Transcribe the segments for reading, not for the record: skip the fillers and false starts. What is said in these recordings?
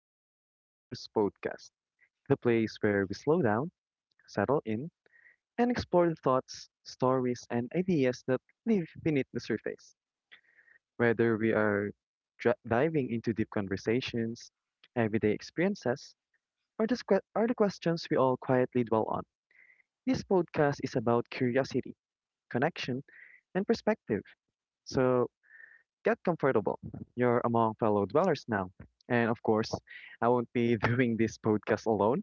Welcome to the Dwellers Podcast, the place where we slow down, settle in, and explore the thoughts, stories, and ideas that live beneath the surface. Whether we are diving into deep conversations, everyday experiences, or the questions we all quietly dwell on, this podcast is about curiosity, connection, and perspective. So, Get comfortable. You're among fellow dwellers now. And of course, I won't be doing this podcast alone.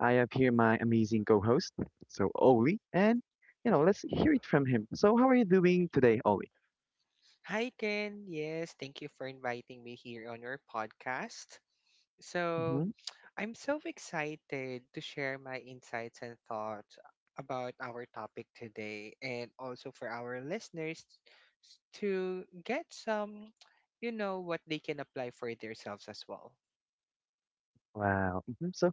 I have here my amazing co host, Oli. Let's hear it from him. So, how are you doing today, Oli? Hi, Ken. Yes, thank you for inviting me here on your podcast. So, Hmm. I'm so excited to share my insights and thoughts about our topic today, and also for our listeners to get some, you know, what they can apply for themselves as well. Wow. Hmm. So,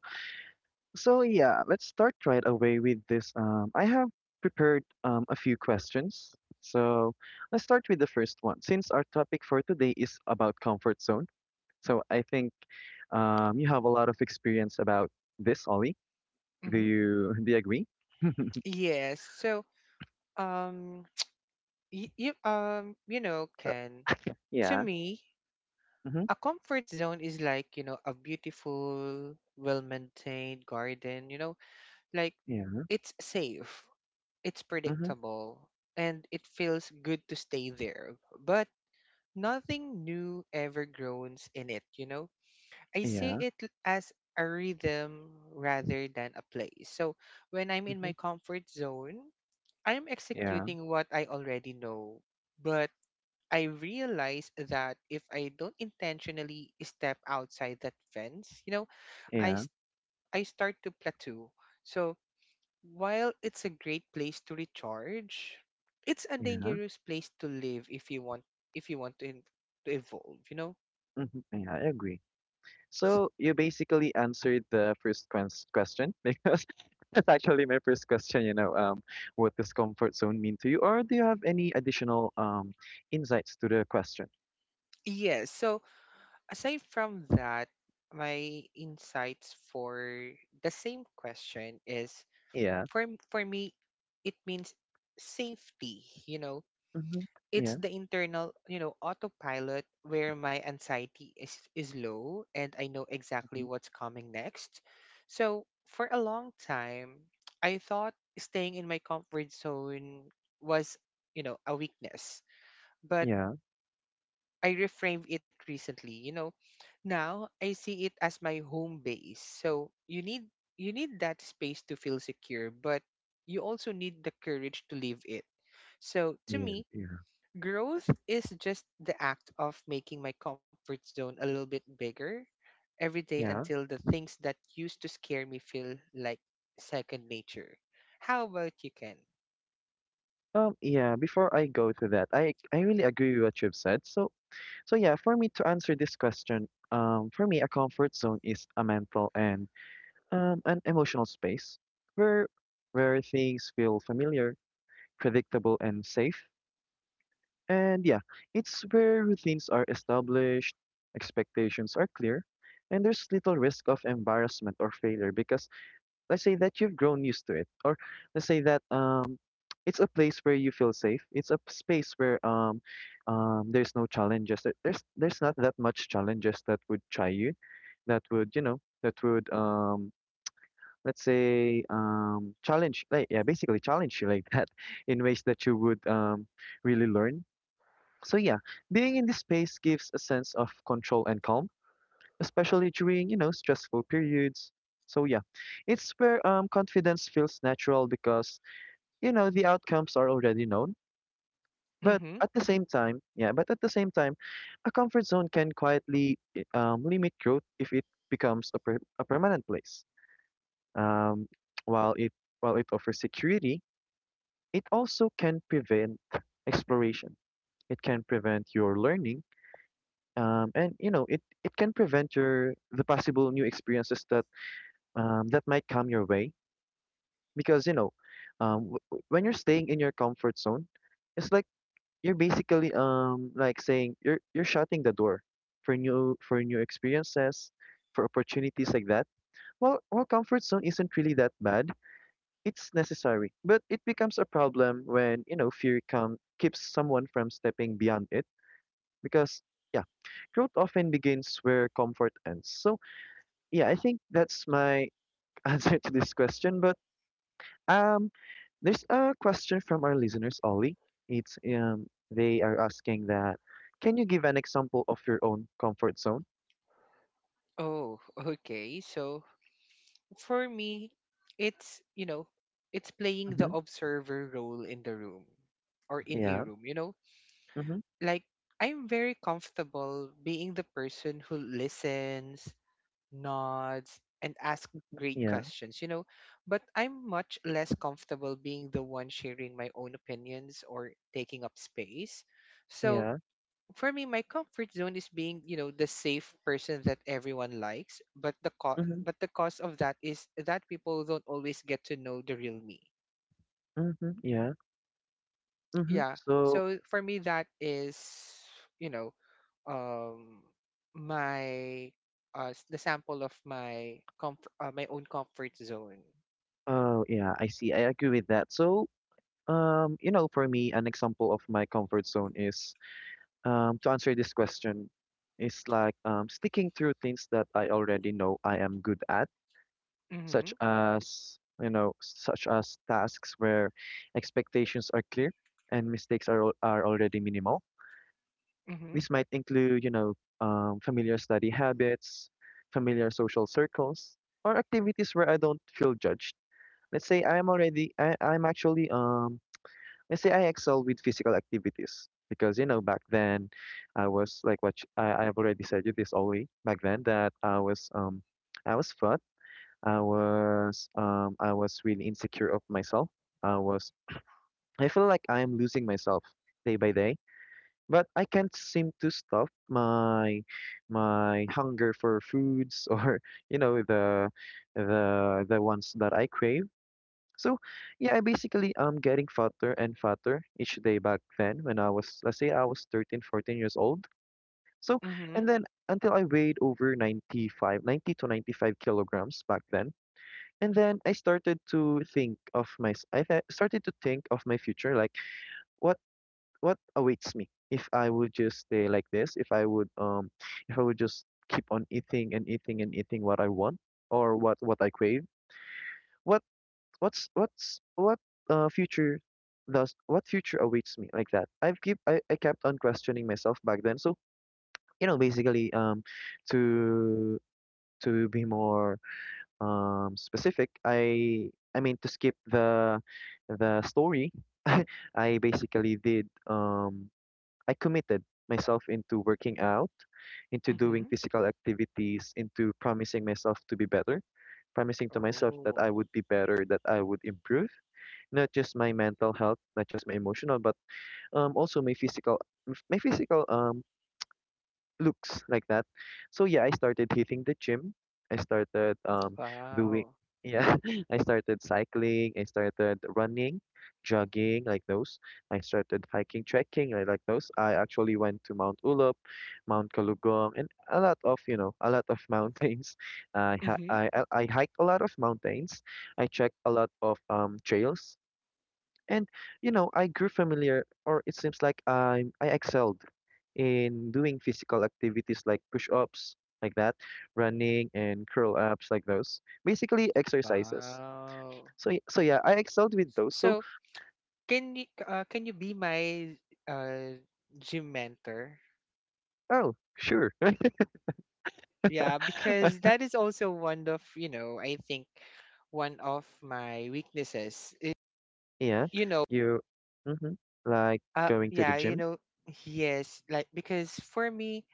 so yeah, let's start right away with this. I have prepared a few questions. So, let's start with the first one. Since our topic for today is about comfort zone, so I think you have a lot of experience about this, Ollie. Do Mm-hmm. you do you agree? Yes. Um, you know, Ken, to Yeah. me, Mhm. a comfort zone is like, you know, a beautiful well maintained garden, you know, like Yeah. it's safe, it's Mhm. predictable, and it feels good to stay there, but nothing new ever grows in it, you know. i see Yeah. it l- as a rhythm rather than a place. So when I'm in my Mhm. comfort zone, I'm Yeah. executing what I already know, but I realize that if I don't intentionally step outside that fence, you know, I Yeah. s- I start to plateau. So while it's a great place to recharge, it's a Yeah. dangerous place to live if you want, if you want to, in, to evolve, you know. Mhm. Yeah, I agree. S- So you basically answered the first question because that's actually my first question. What does comfort zone mean to you, or do you have any additional insights to the question? yes. So aside from that, my insights for the same question is, Yeah. for for me, it means safety. You know, Mhm. it's Yeah. the internal, you know, autopilot where my anxiety is low and I know exactly Mhm. what's coming next. So, for a long time, I thought staying in my comfort zone was, you know, a weakness. But Yeah. I reframed it recently, you know. Now I see it as my home base. So, you need that space to feel secure, but you also need the courage to leave it. So, to Yeah. me, Yeah. growth is just the act of making my comfort zone a little bit bigger every day Yeah. until the things that used to scare me feel like second nature. How about you, Ken? Yeah. Before I go to that, I really agree with what you've said. So yeah, for me to answer this question, for me a comfort zone is a mental and an emotional space where where things feel familiar, predictable, and safe. And yeah, it's where routines are established, expectations are clear, and there's little risk of embarrassment or failure because let's say that you've grown used to it, or let's say that it's a place where you feel safe. It's a space where there's no challenges. There's not that much challenges that would try you, that would you know, that would let's say challenge, like, yeah, basically challenge you like that in ways that you would really learn. So yeah, being in this space gives a sense of control and calm especially during, you know, stressful periods. So yeah, it's where confidence feels natural because, you know, the outcomes are already known. But Mm-hmm. at the same time, yeah, but at the same time, a comfort zone can quietly limit growth if it becomes a permanent place. Um, while it while it offers security, it also can prevent exploration. It can prevent your learning, and you know, it can prevent your the possible new experiences that that might come your way because you know when you're staying in your comfort zone, it's like you're basically like saying you're shutting the door for new experiences, for opportunities like that. Well, comfort zone isn't really that bad. It's necessary, but it becomes a problem when, you know, fear come keeps someone from stepping beyond it, because yeah, growth often begins where comfort ends. So yeah, I think that's my answer to this question. But Um, there's a question from our listeners, Ollie. It's they are asking that, can you give an example of your own comfort zone? Oh, okay. So for me, it's, you know, it's playing the Mm-hmm. observer role in the room or in a Yeah. room, you know? Mm-hmm. Like, I'm very comfortable being the person who listens, nods, and ask great Yeah. questions, you know. But I'm much less comfortable being the one sharing my own opinions or taking up space. So Yeah. for me, my comfort zone is being, you know, the safe person that everyone likes. But Mm-hmm. but the cost of that is that people don't always get to know the real me. Mm-hmm. Yeah. Mm-hmm. Yeah, So, so for me that is, you know, um my the sample of my comfort, my own comfort zone. oh yeah, I see. I agree with that. So, you know, for me, an example of my comfort zone is, to answer this question, is like sticking through things that I already know I am good at. Such Mhm. as you know, such as tasks where expectations are clear and are already minimal. Mhm. This might include you know, familiar study habits, familiar social circles, or activities where I don't feel judged. Let's say I'm already I, I'm actually let's say I excel with physical activities because you know back then I was like I have already said you this only back then that I was fat. I was really insecure of myself. I was I feel like I am losing myself day by day, but I can't seem to stop my hunger for foods or you know the ones that I crave. So yeah, I basically getting fatter and fatter each day back then when I was, let's say I was 13, 14 years old. So and Mhm. then until I weighed over 95, 90 to 95 kilograms back then. And then I started to think of started to think of my future, like what what awaits me if I would just stay like this, if I would just keep on eating and eating and eating what I want or what I crave. What what future does what future awaits me like that. I kept on questioning myself back then. So, you know, basically to to be more specific, I mean to skip the story I basically did I committed myself into working out, into doing Mhm. physical activities, into promising myself to be better, promising to myself that Oh, I would be better, that I would improve not just my mental health, not just my emotional, but also my physical, my physical looks like that. So yeah, I started hitting the gym. I started doing wow. yeah, I started cycling, I started running, jogging like those. I started hiking, trekking like those. I actually went to Mount Ulup, Mount Kalugong, and a lot of, you know, a lot of mountains. I ha Mhm. I hiked a lot of mountains. I checked a lot of trails. And you know, I grew familiar, or it seems like I excelled in doing physical activities like push-ups, like that, running and curl-ups, like those. Basically, exercises. Wow. So yeah, I excelled with those. So So can you, can you be my uh gym mentor? oh, sure, Yeah, because that is also one of, you know, I think one of my weaknesses is, yeah, you know. you, mm-hmm, like going to the Yeah, you gym. know, yes, like, because for me,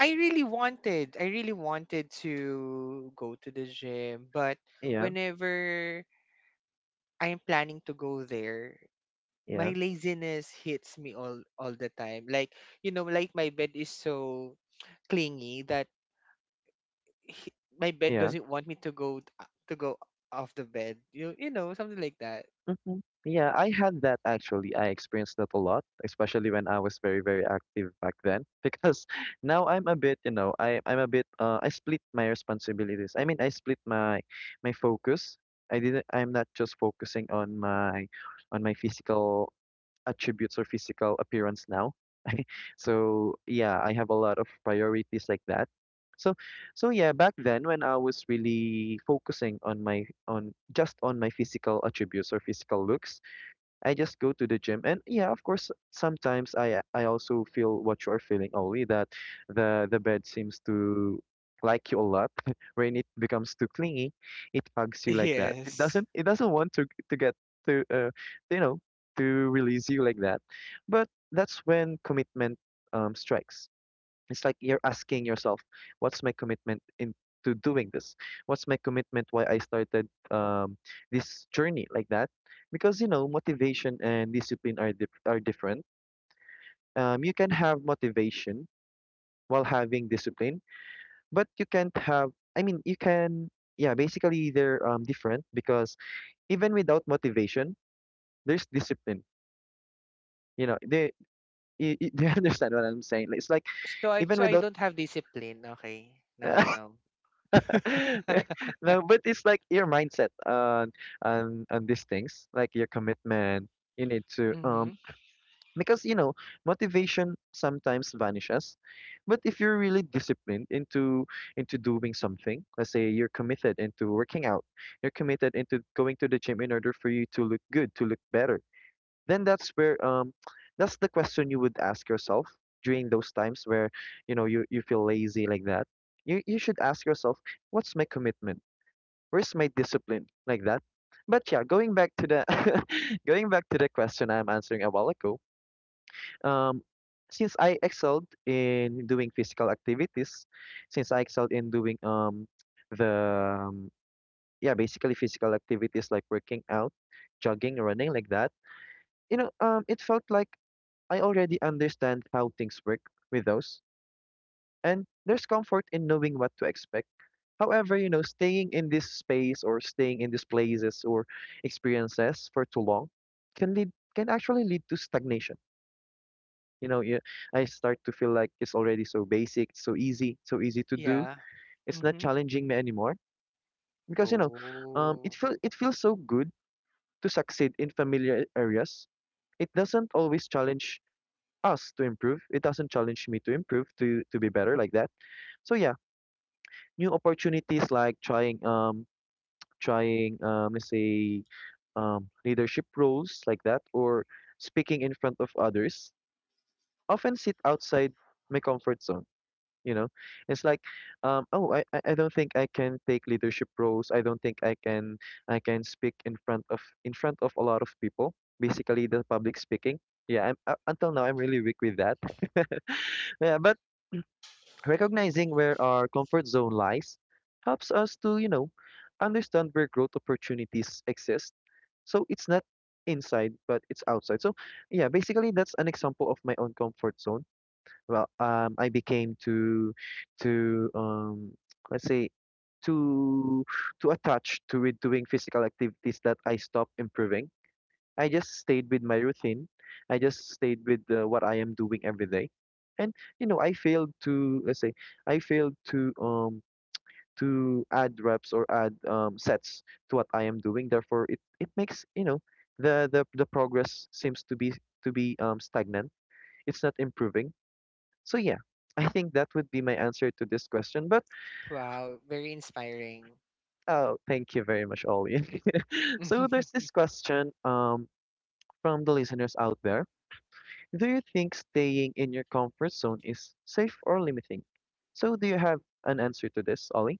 I really wanted to go to the gym, but Yeah, whenever I'm planning to go there, my yeah, laziness hits me all the time. Like, you know, like my bed is so clingy that he, my bed yeah. doesn't want me to to go off the bed. You know, something like that. Hmm. Yeah, I had that actually. I experienced that a lot, especially when I was very, very active back then. Because now I'm a bit, you know, I'm a bit I split my responsibilities. I mean, I split my my focus. I'm not just focusing on my physical attributes or physical appearance now. So yeah, I have a lot of priorities like that. So so yeah, back then when I was really focusing on my on just on my physical attributes or physical looks, I just go to the gym and yeah, of course, sometimes I also feel what you are feeling, Ollie, that the bed seems to like you a lot when it becomes too clingy, it hugs you like that. It Yes. doesn't it doesn't want to get to you know to release you like that, but that's when commitment strikes. It's like you're asking yourself, what's my commitment in to doing this? What's my commitment why I started this journey like that? Because you know, motivation and discipline are are different. You can have motivation while having discipline, but you can't have. I mean, you can. Yeah, basically they're different because even without motivation, there's discipline. You know, do you understand what I'm saying? It's like So I, so even I without don't have discipline. Okay, now I know. No, but it's like your mindset on on these things, like your commitment. You need to Mm-hmm. Because you know motivation sometimes vanishes, but if you're really disciplined into doing something, let's say you're committed into working out, you're committed into going to the gym in order for you to look good, to look better, then that's where that's the question you would ask yourself during those times where you know you feel lazy like that. You should ask yourself, what's my commitment? Where's my discipline like that? But yeah, going back to the going back to the question I'm answering a while ago, um since I excelled in doing physical activities, since I excelled in doing the um, yeah basically physical activities like working out, jogging, running like that, you know, it felt like I already understand how things work with those, and there's comfort in knowing what to expect. However, you know, staying in this space or staying in these places or experiences for too long can actually lead to stagnation. You know, I start to feel like it's already so basic, so easy to do. Yeah. It's not Mm-hmm. challenging me anymore because you know, Oh, it feels so good to succeed in familiar areas. It doesn't always challenge us to improve. It doesn't challenge me to improve to be better like that. So yeah, new opportunities like let's say, leadership roles like that, or speaking in front of others, often sit outside my comfort zone. You know, it's like, oh, I don't think I can take leadership roles. I don't think I can speak in front of a lot of people. Basically, the public speaking. Yeah, until now I'm really weak with that. Yeah, but recognizing where our comfort zone lies helps us to, you know, understand where growth opportunities exist. So it's not inside, but it's outside. So yeah, basically that's an example of my own comfort zone. I became to let's say, too, too attached to it doing physical activities that I stopped improving. I just stayed with my routine. I just stayed with what I am doing every day. And you know, I failed to, let's say, I failed to add reps or add sets to what I am doing. Therefore, it makes, you know, the progress seems to be stagnant. It's not improving. So yeah, I think that would be my answer to this question. But wow. Very inspiring. oh, thank you very much, Ollie. So there's this question from the listeners out there. Do you think staying in your comfort zone is safe or limiting? So, do you have an answer to this, Ollie?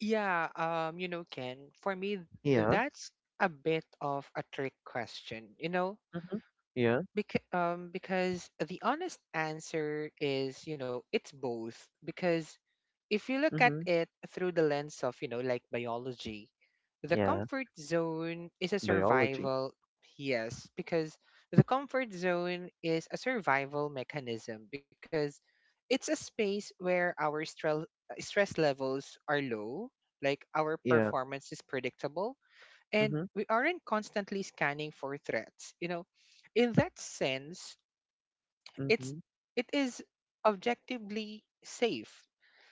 Yeah, you know, Ken, for me, Yeah. that's a bit of a trick question, you know, Mm-hmm. Yeah. because because the honest answer is, you know, it's both. Because if you look at Mm-hmm. it through the lens of, you know, like biology, the Yeah. comfort zone is a Biology. survival, yes, because the comfort zone is a survival mechanism because it's a space where our stress levels are low, like our Yeah. performance is predictable, and Mm-hmm. we aren't constantly scanning for threats. You know, in that sense, it's Mm-hmm. it is objectively safe.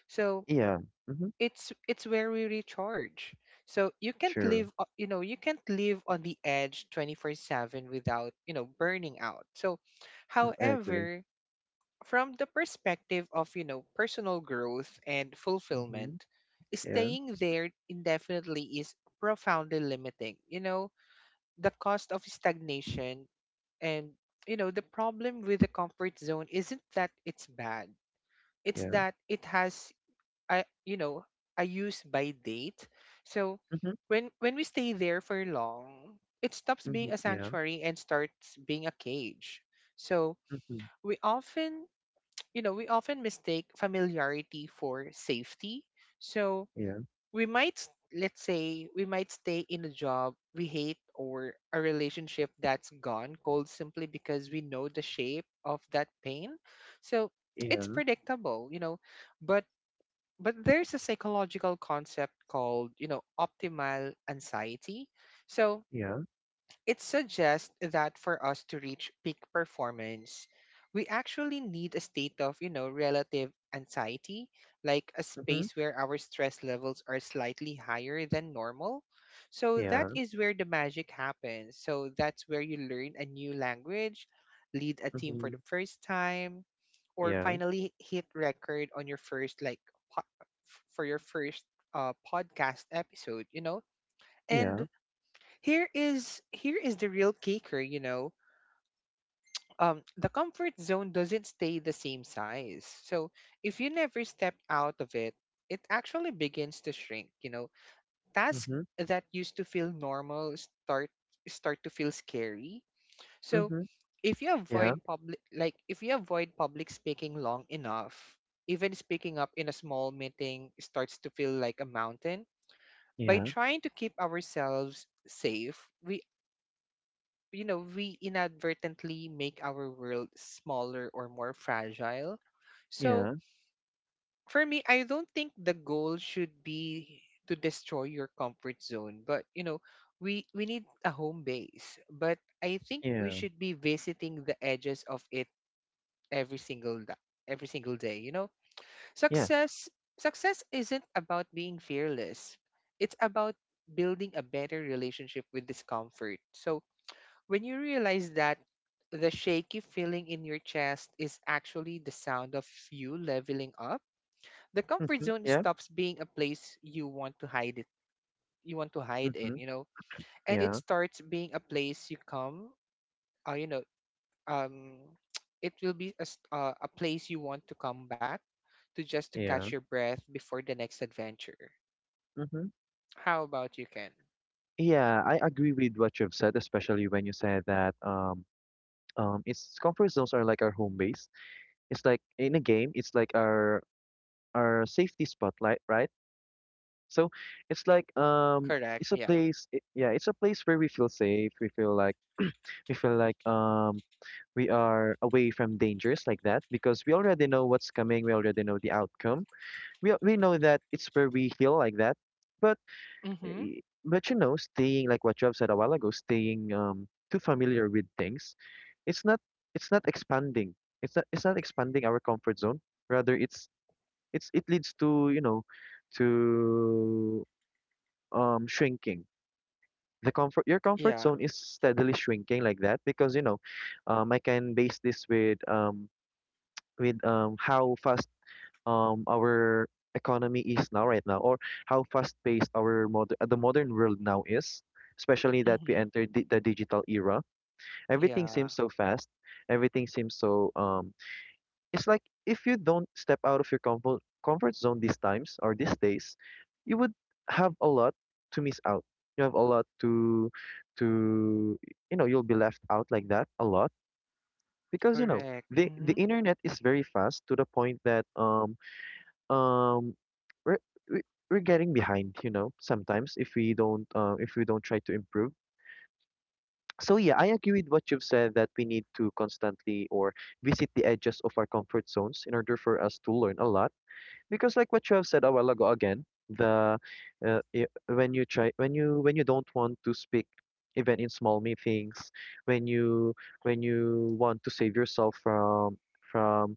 So Yeah. Mm-hmm. it's where we recharge, so you can't True. live, you know, you can't live on the edge 24/7 without, you know, burning out. So Mm, I agree. however, from the perspective of, you know, personal growth and Mm-hmm. fulfillment, Yeah. staying there indefinitely is profoundly limiting, you know, the cost of stagnation. And, you know, the problem with the comfort zone isn't that it's bad, it's Yeah. that it has, I, you know, I use by date. So Mm-hmm. when we stay there for long, it stops Mm-hmm. being a Yeah. sanctuary and starts being a cage. So Mm-hmm. we often, you know, we often mistake familiarity for safety. So Yeah. we might let's say we might stay in a job we hate or a relationship that's gone cold simply because we know the shape of that pain. So it's Yeah. predictable, you know, but but there's a psychological concept called, you know, optimal anxiety. So Yeah. it suggests that for us to reach peak performance we actually need a state of, you know, relative anxiety, like a Mm-hmm. space where our stress levels are slightly higher than normal. So that Yeah. is where the magic happens, so that's where you learn a new language, lead a team for Mm-hmm. the first time, or Yeah. finally hit record on your first, like, for your first podcast episode, you know. Yeah. And here is, here is the real kicker, you know. The comfort zone doesn't stay the same size. So if you never step out of it, it actually begins to shrink, you know. tasks Mm-hmm. that used to feel normal start start to feel scary. So Mm-hmm. if you Yeah. avoid public, like if you avoid public speaking long enough, even speaking up in a small meeting starts to feel like a mountain. By Yeah. trying to keep ourselves safe, we, you know, we inadvertently make our world smaller or more fragile. So Yeah. for me, I don't think the goal should be to destroy your comfort zone, but, you know, we need a home base. But I think we Yeah. should be visiting the edges of it every single da- every single day, you know. Yeah. Success success isn't about being fearless, it's about building a better relationship with discomfort. So when you realize that the shaky feeling in your chest is actually the sound of you leveling up, the comfort Mm-hmm. zone Yeah. stops being a place you want to hide it you want to hide in, Mm-hmm. you know, and it Yeah. starts being a place you come, you know, um, it will be a, a place you want to come back to just to catch Yeah. your breath before the next adventure. Mm-hmm. How about you, Ken? Yeah, I agree with what you've said, especially when you said that it's comfort zones are like our home base. It's like in a game, it's like our safety spotlight, right? So it's like Correct. it's a Yeah. place it, yeah, it's a place where we feel safe. We feel like we are away from dangers like that because we already know what's coming, we already know the outcome. We know that it's where we heal like that. But Mm-hmm. y- but you know, staying, like what you have said a while ago, staying too familiar with things, it's not it's not expanding. It's not expanding our comfort zone. Rather, it's it leads to, you know, to shrinking. The comfort Your comfort Yeah. zone is steadily shrinking like that because you know, I can base this with how fast our economy is now right now, or how fast paced our modern the modern world now is, especially that we Mm-hmm. entered the digital era. Everything Yeah. seems so fast. Everything seems so it's like if you don't step out of your comfort zone these times or these days, you would have a lot to miss out. You have a lot to to you know, you'll be left out like that a lot because you know Correct. the Mm-hmm. internet is very fast to the point that um we're we- we're getting behind, you know, sometimes if we don't try to improve. So yeah, I agree with what you've said that we need to constantly or visit the edges of our comfort zones in order for us to learn a lot because, like what you have said a while ago again, the when you try, when you don't want to speak even in small meetings, when you when you want to save yourself from from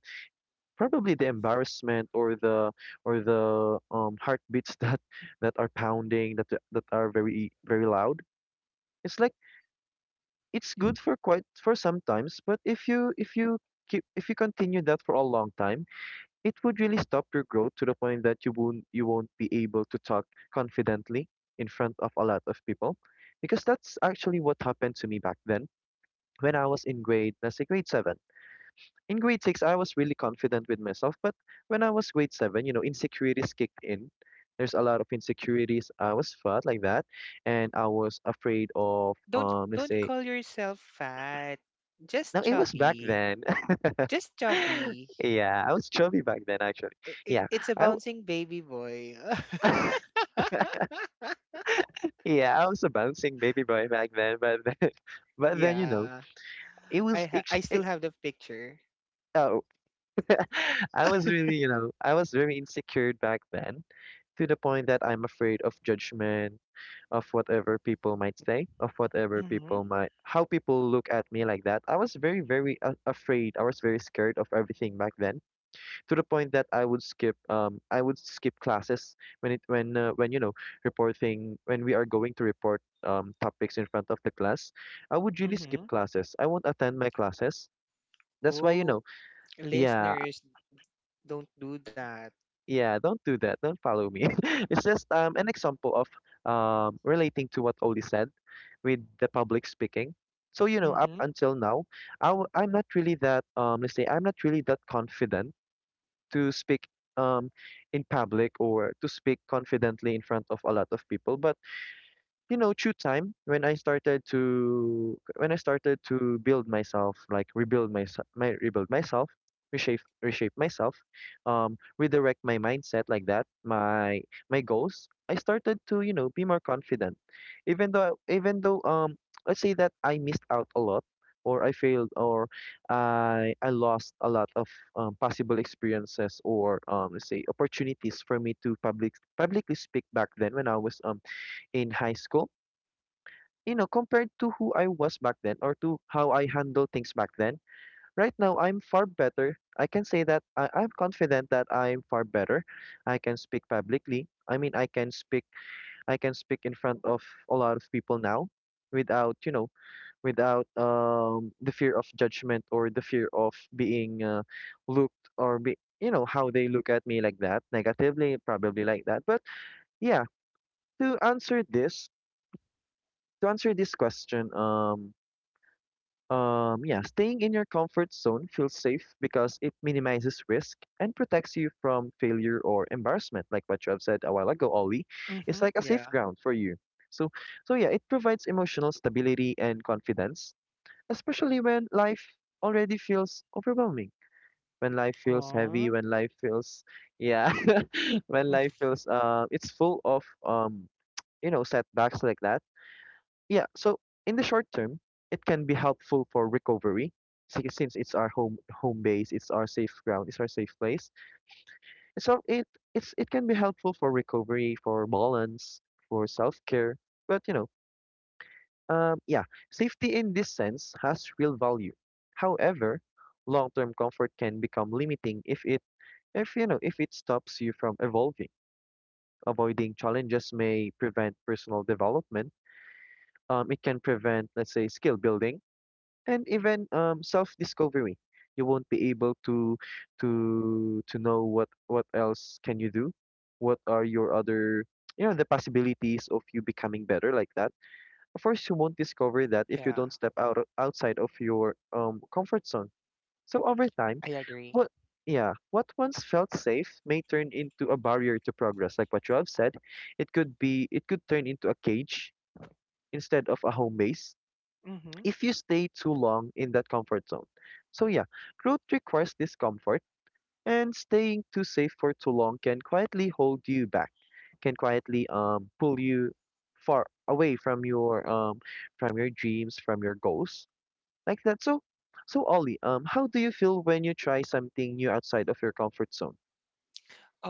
probably the embarrassment or the heartbeats that that are pounding, that are very loud. It's like it's good for quite for sometimes, but if you keep, if you continue that for a long time, it would really stop your growth to the point that you won't be able to talk confidently in front of a lot of people, because that's actually what happened to me back then when I was in grade, let's say grade 7. In grade six, I was really confident with myself, but when I was grade seven, you know, insecurities kicked in. There's a lot of insecurities. I was fat like that, and I was afraid of let's Don't say. call yourself fat. Just Now it was back chubby. then. Just chubby. Yeah, I was chubby back then actually. Yeah, It's a I w- bouncing baby boy. yeah, I was a bouncing baby boy back then, but then, but then you know yeah. it was it, I still it, have the picture. oh, I was really, you know, I was very insecure back then to the point that I'm afraid of judgment, of whatever people might say, of Mm-hmm. How people look at me like that. I was very, very afraid. I was very scared of everything back then, to the point that I would skip classes when, you know, reporting, when we are going to report topics in front of the class. I would really Mm-hmm. skip classes. I won't attend my classes. That's why, you Oh, know, yeah, listeners, don't do that. yeah, don't do that. Don't follow me. It's just an example of relating to what Oli said with the public speaking. So, you know, up Mm-hmm. until now, I'm not really that, let's say, I'm not really that confident to speak um, in public, or to speak confidently in front of a lot of people. But you know, through time, when I started to when I started to build myself, like rebuild myself, reshape myself, redirect my mindset like that, my goals. I started to, you know, be more confident, even though let's say that I missed out a lot, or I failed, or I lost a lot of possible experiences or let's say opportunities for me to publicly speak back then when I was in high school. You know, compared to who I was back then, or to how I handle things back then, right now I'm far better. I can say that I'm confident that I'm far better. I can speak publicly. I mean, I can speak. I can speak in front of a lot of people now, without you know, without the fear of judgment or the fear of being looked, or be you know how they look at me like that negatively, probably like that. But yeah, to answer this, to answer this question, yeah, staying in your comfort zone feels safe because it minimizes risk and protects you from failure or embarrassment, like what you have said a while ago, Ollie. Mm-hmm. It's like a safe Yeah. ground for you. So, so yeah, it provides emotional stability and confidence, especially when life already feels overwhelming, when life feels heavy, Aw. Yeah, when life feels, it's full of, you know, setbacks like that. Yeah, so in the short term, it can be helpful for recovery since it's our home base, it's our safe ground, it's our safe place. And so it can be helpful for recovery, for balance, for self-care. But you know, yeah, safety in this sense has real value. However, long-term comfort can become limiting if it if you know if it stops you from evolving. Avoiding challenges may prevent personal development. It can prevent, let's say, skill building and even self-discovery. You won't be able to to know what else can you do, what are your other, you know, the possibilities of you becoming better like that. Of course, you won't discover that if you Yeah. don't step out outside of your comfort zone. So over I time, agree. what yeah, what once felt safe may turn into a barrier to progress. Like what you have said, it could turn into a cage instead of a home base Mm-hmm. if you stay too long in that comfort zone. So, yeah, growth requires discomfort, and staying too safe for too long can quietly hold you back, can quietly pull you far away from your dreams, from your goals, like that. So, so Ollie, how do you feel when you try something new outside of your comfort zone?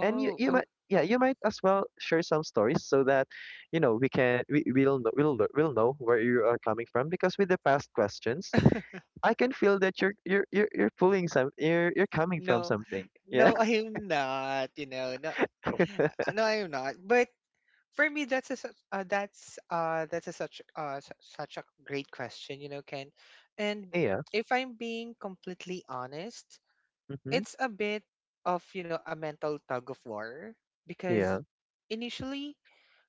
And you oh. might, yeah, you might as well share some stories so that you know we'll know where you are coming from, because with the past questions I can feel that you're pulling some, you're coming from no. something. Yeah. No, I am not. You know, no, no, I am not. But for me, that's a such su- such a great question, you know, Ken. And Yeah. if I'm being completely honest, Mhm. it's a bit of, you know, a mental tug of war because Yeah. initially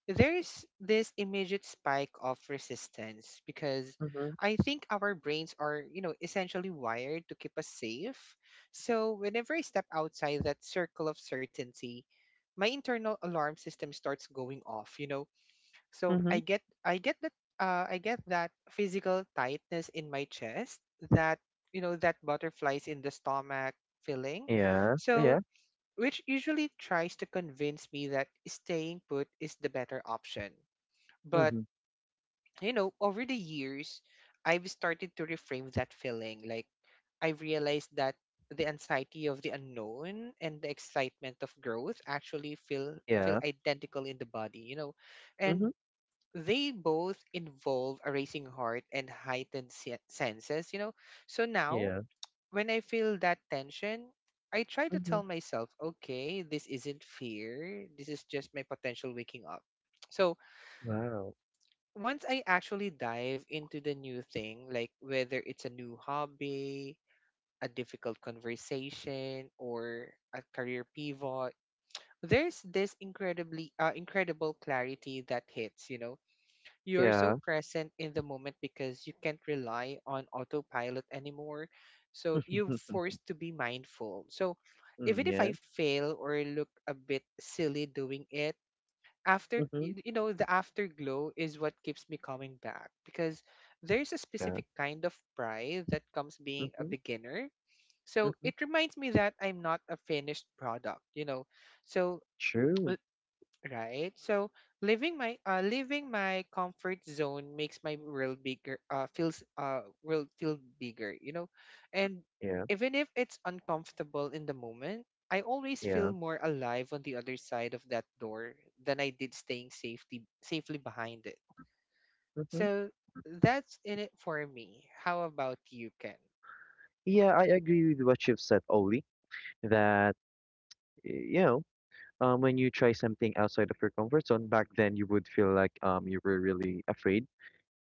there's this immediate spike of resistance because Mhm. I think our brains are, you know, essentially wired to keep us safe. So whenever I step outside that circle of certainty, my internal alarm system starts going off, you know. So Mhm. I get that physical tightness in my chest, that, you know, that butterflies in the stomach feeling. Yeah. Yeah. So which usually tries to convince me that staying put is the better option. But, Mhm. you know, over the years, I've started to reframe that feeling. Like, I've realized that the anxiety of the unknown and the excitement of growth actually feel Yeah. identical in the body, you know. And Mhm. they both involve a racing heart and heightened senses, you know. So now, Yeah. when I feel that tension, I try to tell Mhm. myself, okay, this isn't fear. This is just my potential waking up. So, Wow. once I actually dive into the new thing, like whether it's a new hobby, a difficult conversation, or a career pivot, there's this incredibly incredible clarity that hits, you know. You're so Yeah. present in the moment because you can't rely on autopilot anymore. So you're Mhm. forced to be mindful. So Mm, even if yeah. I fail or look a bit silly doing it, after Mhm. You know, the afterglow is what keeps me coming back because there's a Yeah. specific kind of pride that comes being a Mhm. beginner. So Mhm. it reminds me that I'm not a finished product, you know. So, True. right? So leaving my comfort zone makes my world bigger. Feels will feel bigger, you know, and Yeah. even if it's uncomfortable in the moment, I always feel Yeah. more alive on the other side of that door than I did staying safely behind it. Mhm. So that's in it for me. How about you, Ken? Yeah, I agree with what you've said, Oli, that y- you know, when you try something outside of your comfort zone, back then you would feel like you were really afraid,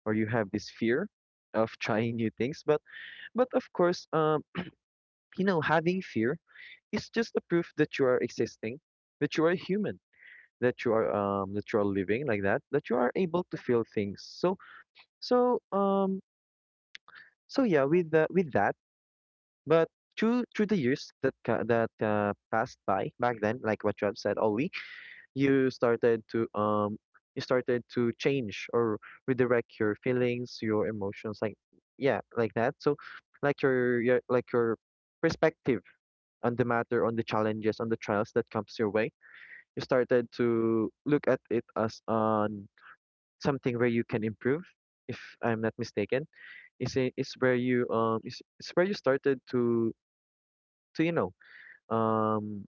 or you have this fear of trying new things. But of course, having fear is just a proof that you are existing, that you are human, that you are living like that, that you are able to feel things. So um so yeah, with that, but. Through the years that passed by back then, like what you have said, Ollie, you started to um you started to change or redirect your feelings, your emotions, like, yeah, like that. So, like your perspective on the matter, on the challenges, on the trials that comes your way, you started to look at it as on something where you can improve, if I'm not mistaken. It's it's where you it's where you started to, to you know um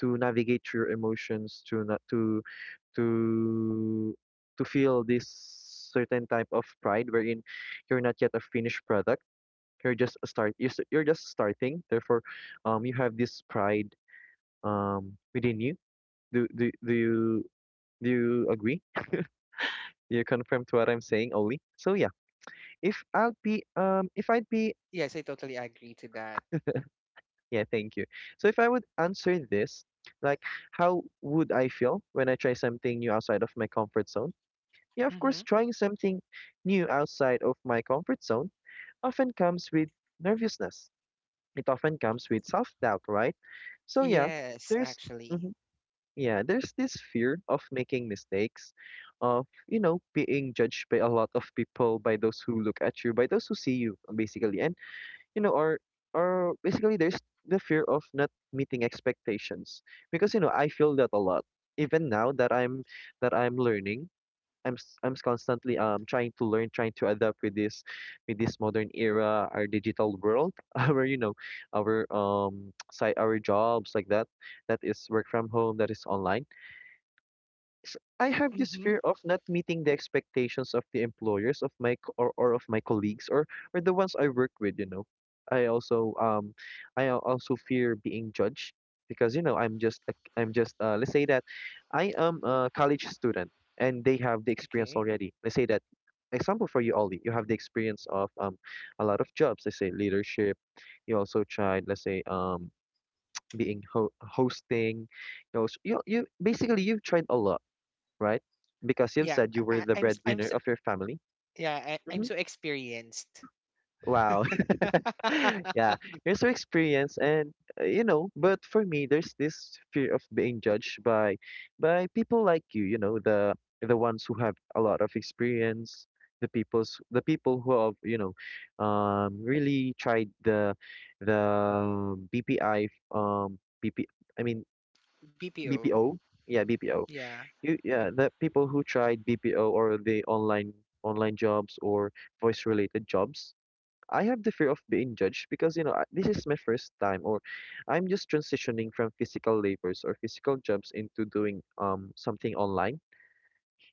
to navigate your emotions, to not to, to to feel this certain type of pride, wherein you're not yet a finished product. You're just a start. You're just starting. Therefore, you have this pride within you. Do you do you agree? Do you confirm to what I'm saying, Oli? So yeah, if I would be if I'd be Yes, I totally agree to that. yeah thank you. So if I would answer this, like, how would I feel when I try something new outside of my comfort zone? Yeah, of Mm-hmm. course, trying something new outside of my comfort zone often comes with nervousness. It often comes with self-doubt, right? So yeah, Yes, there's actually. mhm, yeah, there's this fear of making mistakes, of being judged by a lot of people, by those who look at you, by those who see you, basically. And, you know, or basically, there's the fear of not meeting expectations. Because I feel that a lot. Even now that I'm learning, constantly trying to learn, trying to adapt with this modern era, our digital world, our, our side, our jobs, like that, that is work from home, that is online. I have this Mm-hmm. fear of not meeting the expectations of the employers, or of my colleagues, or the ones I work with. I also also fear being judged, because I'm just, let's say that I am a college student, and they have the experience Okay. already. Let's say that, example, for you, Ollie, you have the experience of a lot of jobs. Let's say leadership. You also tried, let's say, hosting. You basically you've tried a lot, right? Because you've Yeah, said you I, were I- the I'm s- I'm breadwinner of your family. yeah, I'm Hmm. so experienced. Wow. Yeah, you're so experienced, and you know, but for me there's this fear of being judged by people like you know, the ones who have a lot of experience, the people who have, you know, really tried the the BPI, BP, I mean, BPO. BPO. Yeah, BPO. Yeah. The people who tried BPO, or the online jobs, or voice related jobs, I have the fear of being judged because, you know, this is my first time, or I'm just transitioning from physical labors or physical jobs into doing something online,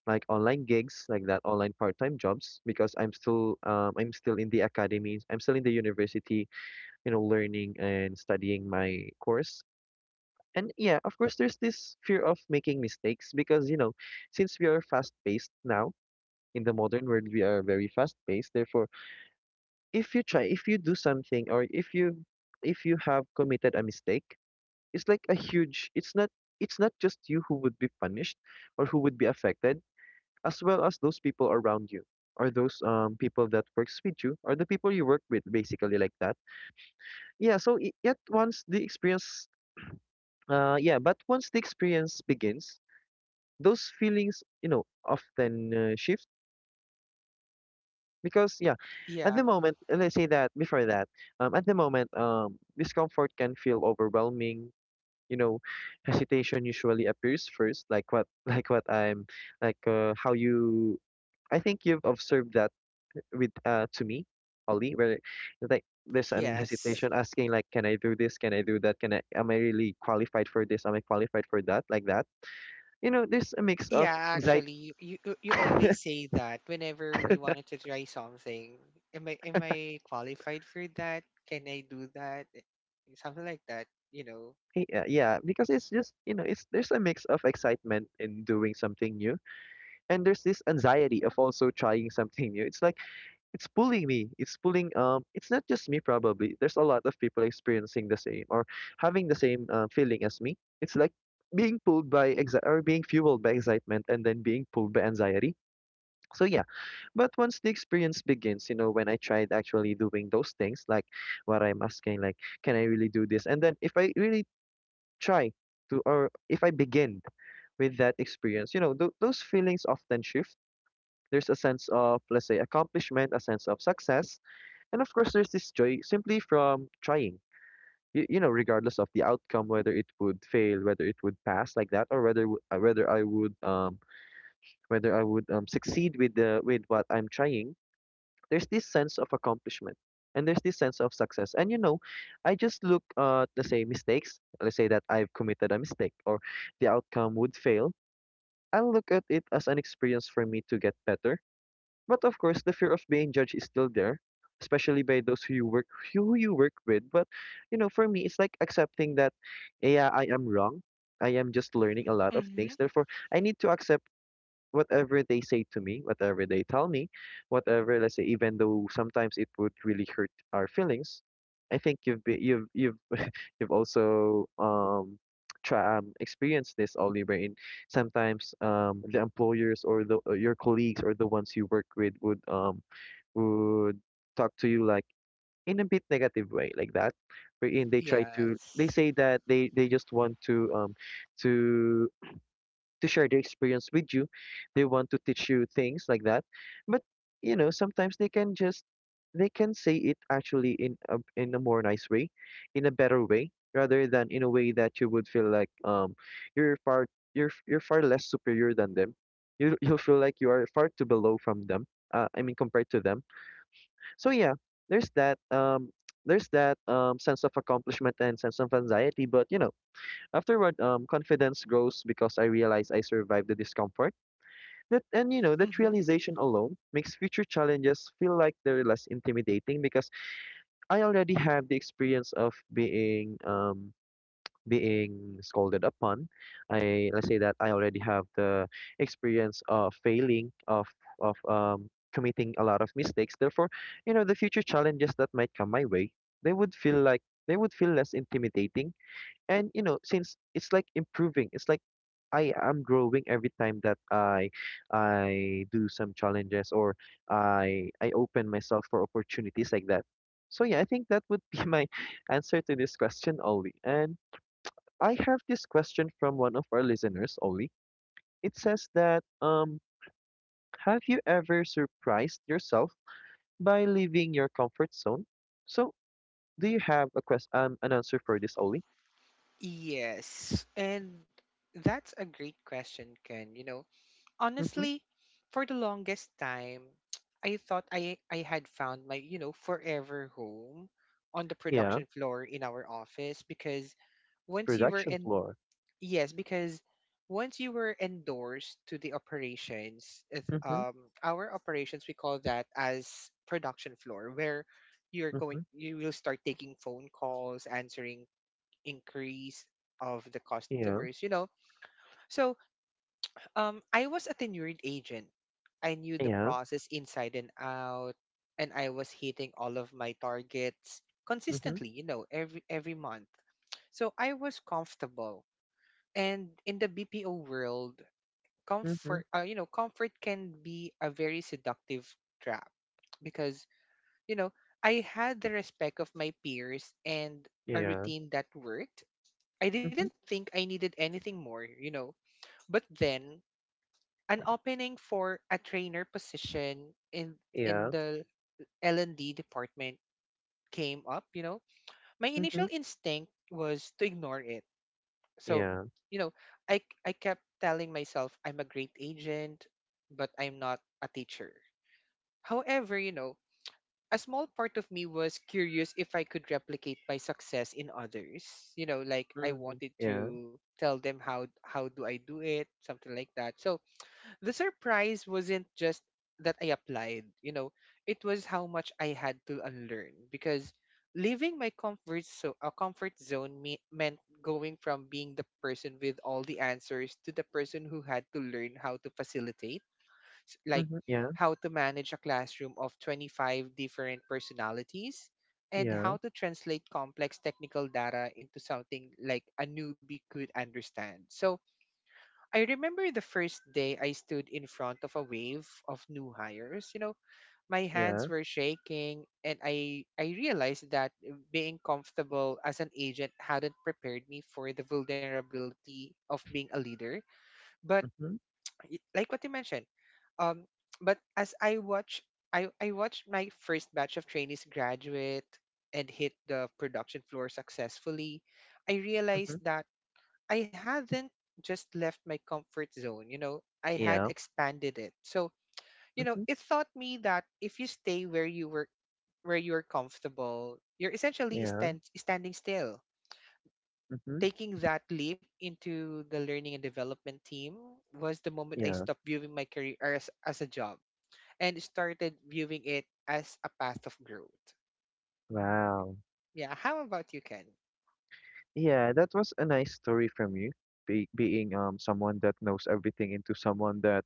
like online gigs, like that, online part-time jobs, because I'm still in the academies, I'm still in the university, you know, learning and studying my course. And yeah, of course, there's this fear of making mistakes because, you know, since we are fast paced now in the modern world, we are very fast paced. Therefore, if you try, if you do something, or if you have committed a mistake, it's like a huge, it's not just you who would be punished or who would be affected, as well as those people around you, or those people that works with you, or the people you work with, basically, like that. Yeah, so I- yet once the experience yeah, but once the experience begins, those feelings, you know, often shift, because yeah, Yeah. at the moment let's say that before that, at the moment, discomfort can feel overwhelming, you know. Hesitation usually appears first, like what like what I'm, how you, I think you've observed that with to me, Ollie, where, like, there's an Yes. hesitation asking, like, can I do this, can I do that, can I am I really qualified for this, am I qualified for that, like that. You know, there's a mix of Yeah, anxiety. actually, you always say that whenever we wanted to try something. Am I qualified for that? Can I do that? Something like that, you know. Yeah, because it's just, you know, it's there's a mix of excitement in doing something new, and there's this anxiety of also trying something new. It's like it's pulling me. It's pulling. It's not just me probably. There's a lot of people experiencing the same, or having the same feeling as me. It's like being pulled by exi- or being fueled by excitement, and then being pulled by anxiety. So yeah, but once the experience begins, you know, when I tried actually doing those things, like what I'm asking, like, can I really do this? And then if I really try to, or if I begin with that experience, you know, those feelings often shift. There's a sense of, let's say, accomplishment, a sense of success, and of course, there's this joy simply from trying. Regardless of the outcome, whether it would fail, whether it would pass, like that, or whether I would, whether I would, succeed with the with what I'm trying, there's this sense of accomplishment, and there's this sense of success. And, you know, I just look at, let's say, mistakes. Let's say that I've committed a mistake, or the outcome would fail, I'll look at it as an experience for me to get better. But of course, the fear of being judged is still there, especially by those who you work, who you work with. But, you know, for me it's like accepting that, yeah, I am wrong, I am just learning a lot of Mm-hmm. things. Therefore, I need to accept whatever they say to me, whatever they tell me, whatever, let's say, even though sometimes it would really hurt our feelings. I think you've been, you've also try experienced this, Oliver. In sometimes, the employers, or the, or your colleagues, or the ones you work with would would talk to you, like, in a bit negative way, like that, wherein they try to, they Yes. say that they just want to, to share their experience with you. They want to teach you things like that. But, you know, sometimes they can say it actually in a more nice way, in a better way, rather than in a way that you would feel like, you're far, you're far less superior than them. You'll feel like you are far too below from them. I mean, compared to them. So yeah, there's that there's that sense of accomplishment and sense of anxiety, but you know, afterward, confidence grows because I realize I survived the discomfort. That and you know that Mm-hmm. realization alone makes future challenges feel like they're less intimidating, because I already have the experience of being being scolded upon. I Let's say that I already have the experience of failing, of of um committing a lot of mistakes. Therefore, you know, the future challenges that might come my way, they would feel like they would feel less intimidating. And, you know, since it's like improving, it's like I am growing every time that I do some challenges, or I open myself for opportunities, like that. So yeah, I think that would be my answer to this question, Ollie. And I have this question from one of our listeners, Ollie. It says that, have you ever surprised yourself by leaving your comfort zone? So, do you have a quest an answer for this, Ollie? Yes. And that's a great question, Ken. You know, Mm-hmm. honestly, for the longest time, I thought I had found my, you know, forever home on the Yeah, production floor in our office because once you were production in floor. yes, because once you were endorsed to the operations, if, Mm-hmm. Our operations we call that as production floor where you're going Mhm. you will start taking phone calls, answering inquiries of the Yeah. customers, you know. So I was a tenured agent. I knew the Yeah. process inside and out, and I was hitting all of my targets Mhm. consistently, you know, every month. So I was comfortable. And in the BPO world, Mhm. You know, comfort can be a very seductive trap because, you know, I had the respect of my peers and a Yeah. routine that worked. I didn't Mhm. think I needed anything more, you know. But then an opening for a trainer position in Yeah. the L&D department came up, you know. My Mhm. initial instinct was to ignore it. So, Yeah. you know, I kept telling myself I'm a great agent, but I'm not a teacher. However, you know, a small part of me was curious if I could replicate my success in others. You know, like I Mhm. wanted Yeah. to tell them how do I do it, something like that. So, the surprise wasn't just that I applied, you know, it was how much I had to unlearn because leaving my comfort so a comfort zone meant going from being the person with all the answers to the person who had to learn how to facilitate, like Mhm. Yeah. how to manage a classroom of 25 different personalities and Yeah. how to translate complex technical data into something like a newbie could understand. So I remember the first day I stood in front of a wave of new hires. You know, my hands Yeah. were shaking and I realized that being comfortable as an agent hadn't prepared me for the vulnerability of being a leader. But Mhm. Like what you mentioned, um but as I watched my first batch of trainees graduate and hit the production floor successfully, I realized Mhm. that I hadn't just left my comfort zone, you know, I had Yeah. expanded it. So, you know, Mhm. it taught me that if you stay where you're comfortable, you're essentially Yeah. Standing still. Mhm. Taking that leap into the learning and development team was the moment I Yeah. stopped viewing my career as a job and started viewing it as a path of growth. Wow. Yeah, how about you, Ken? Yeah, that was a nice story from you. Be Being someone that knows everything into someone that,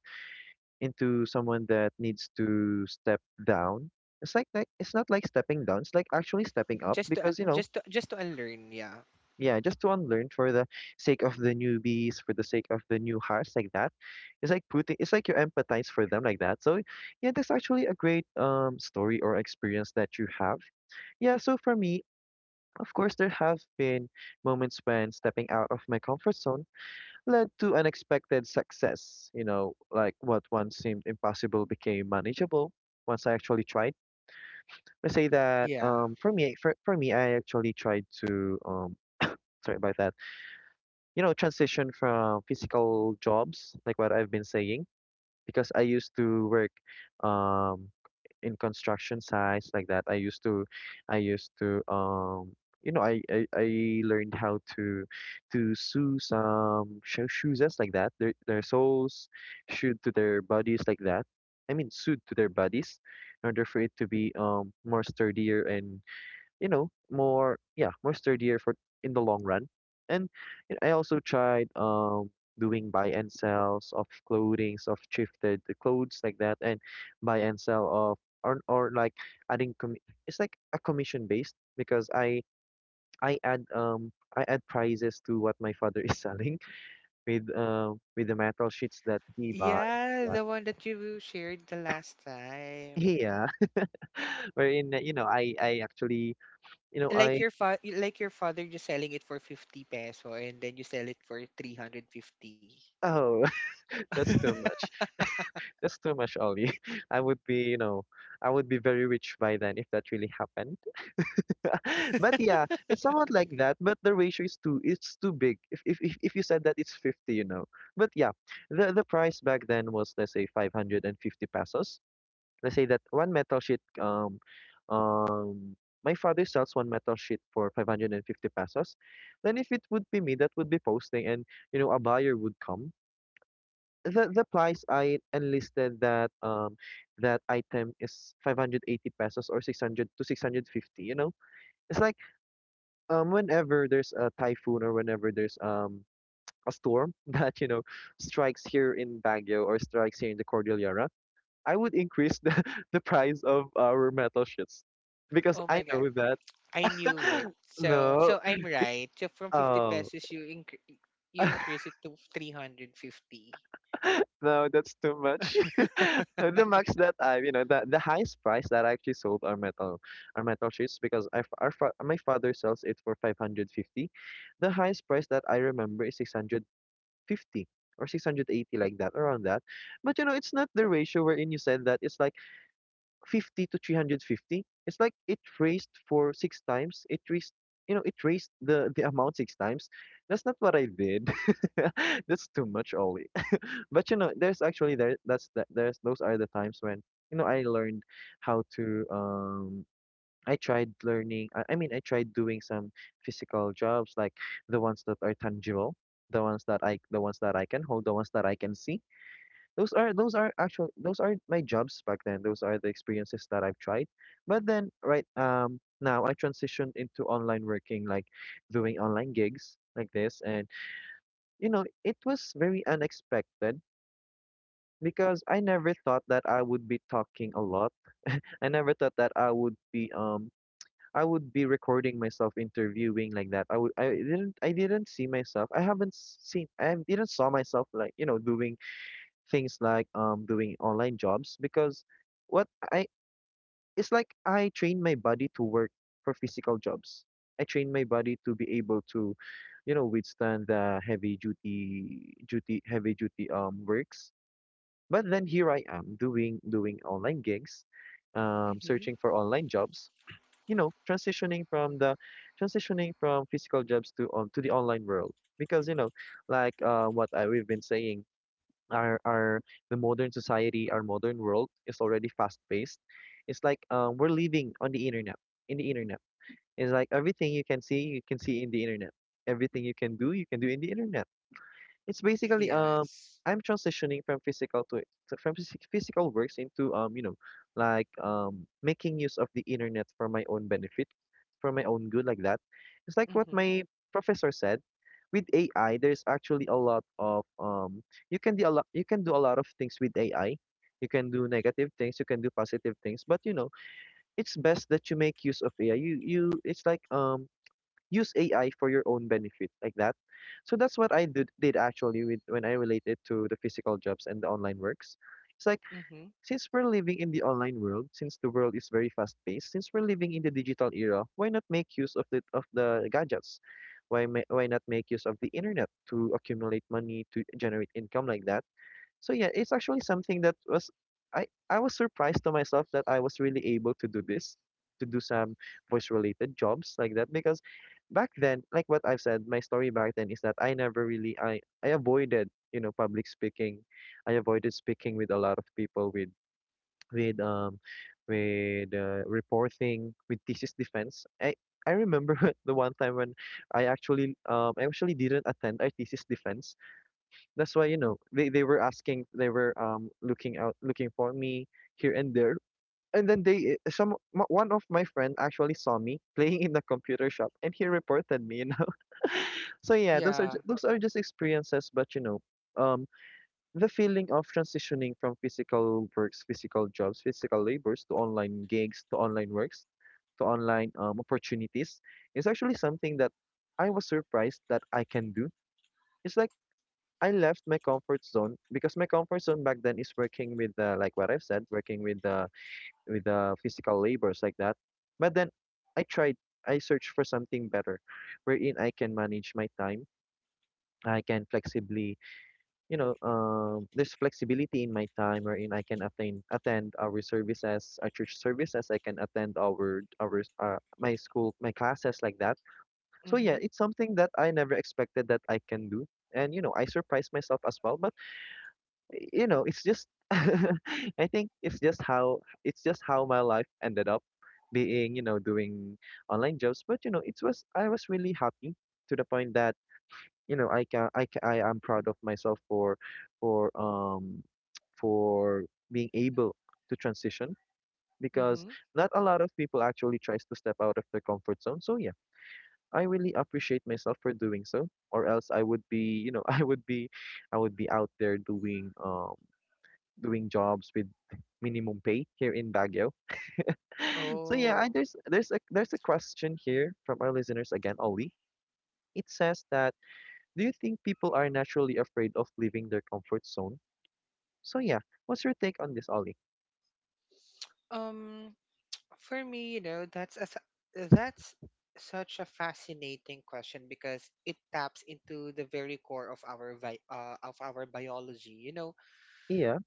needs to step down. It's like, it's not like stepping down. It's like actually stepping up Just to un- because just to Just to unlearn, yeah. yeah, just to unlearn for the sake of the newbies, for the sake of the new hearts, like that. It's like putting, it's like you empathize for them like that. So yeah, that's actually a great story or experience that you have. Yeah, so for me, of course, there have been moments when stepping out of my comfort zone led to unexpected success. You know, like what once seemed impossible became manageable once I actually tried. Let's say that Yeah. For me, for me, I actually tried to sorry about that. You know, transition from physical jobs, like what I've been saying, because I used to work um in construction sites like that. I used to you know, I learned how to sew some shoes just like that. Their souls shoot to their bodies like that. I mean, sewed to their bodies in order for it to be more sturdier and you know more yeah more sturdier for in the long run and you know, I also tried doing buy and sells of clothing of thrifted clothes like that and buy and sell of or like adding com- it's like a commission based because I add I add prices to what my father is selling with the metal sheets that he buys Yeah, and what- the one that you shared the last time. yeah. Wherein you know I actually you know Like I your father just selling it for 50 peso and then you sell it for 350. oh. That's too much. That's too much, Ollie. I would be, you know, I would be very rich by then if that really happened. But yeah, it's somewhat like that, but the ratio is too it's too big. If you said that it's 50, you know. But yeah, the price back then was let's say 550 pesos. Let's say that one metal sheet um my father sells one metal sheet for 550 pesos. Then if it would be me that would be posting and you know a buyer would come the price I enlisted that that item is 580 pesos or 600 to 650, you know. It's like whenever there's a typhoon or whenever there's a storm that you know strikes here in Baguio or strikes here in the Cordillera I would increase the, the price of our metal sheets because Oh I my god, know that. I knew it. So No. so I'm right. So from 50 Oh. pesos you increase it to 350. No, that's too much. No, the max that I, you know, the highest price that I actually sold are metal sheets because I, f- our fa my father sells it for 550. The highest price that I remember is 650 or 680 like that, around that. But you know, it's not the ratio wherein you said that it's like 50 to 350. It's like it raised for six times it raised you know it raised the amount six times. That's not what I did. That's too much, Ollie. But you know there's actually there that's that there's those are the times when you know I learned how to I mean I tried doing some physical jobs like the ones that are tangible the ones that I the ones that I can hold the ones that I can see. Those are my jobs back then. Those are the experiences that I've tried. But then right now I transitioned into online working, like doing online gigs like this. And you know, it was very unexpected because I never thought that I would be talking a lot. I never thought that I would be recording myself interviewing like that. I didn't I didn't see myself. I haven't seen I didn't saw myself like, you know, doing things like doing online jobs because what I it's like I train my body to work for physical jobs. I train my body to be able to, you know, withstand the heavy duty heavy duty works. But then here I am doing online gigs, Mm-hmm. searching for online jobs, you know, transitioning from physical jobs to on to the online world because you know, like what I we've been saying our the modern society, our modern world is already fast paced. It's like we're living on the internet. In the internet, it's like everything you can see in the internet. Everything you can do in the internet. It's basically Yes. I'm transitioning from physical to, to from physical works into you know like making use of the internet for my own benefit, for my own good like that. It's like what Mm-hmm. my professor said. With AI, there's actually a lot of you can do a lot of things with AI. You can do negative things, you can do positive things, but you know it's best that you make use of AI. You it's like use AI for your own benefit like that. So that's what I did actually with, when I relate it to the physical jobs and the online works. It's like Mm-hmm. since we're living in the online world, since the world is very fast paced, since we're living in the digital era, why not make use of the gadgets? Why not make use of the internet to accumulate money to generate income like that? So yeah, it's actually something that was I was surprised to myself that I was really able to do this, to do some voice related jobs like that because back then, like what I've said, my story back then is that I never really I avoided, you know, public speaking. I avoided speaking with a lot of people with with um with reporting with thesis defense. I remember the one time when I actually didn't attend our thesis defense. That's why, you know, they were asking, they were looking out, looking for me here and there. And then they, eh, some m- one of my friend actually saw me playing in the computer shop, and he reported me. You know, so yeah, Yeah. Those are just experiences. But you know, um, the feeling of transitioning from physical works, physical jobs, physical labors to online gigs, to online works, to online opportunities is actually something that I was surprised that I can do. It's like I left my comfort zone because my comfort zone back then is working with the like what I've said, working with the physical labors like that. But then I tried, I searched for something better, wherein I can manage my time. I can flexibly, you know, there's flexibility in my time wherein I can attain attend our services, our church services. I can attend our my school my classes like that. So Mm-hmm. yeah, it's something that I never expected that I can do, and you know, I surprised myself as well. But you know it's just I think it's just how my life ended up being you know doing online jobs but you know it was I was really happy to the point that you know I can I ca I am proud of myself for um for being able to transition because Mm-hmm. not a lot of people actually tries to step out of their comfort zone. So yeah, I really appreciate myself for doing so, or else I would be, you know, I would be out there doing doing jobs with minimum pay here in Baguio. So yeah, I, Oh. There's a question here from our listeners again, Ollie. It says that do you think people are naturally afraid of leaving their comfort zone? So yeah, what's your take on this, Ollie? Um. For me, you know, that's such a fascinating question because it taps into the very core of our of our biology. You know, Yeah.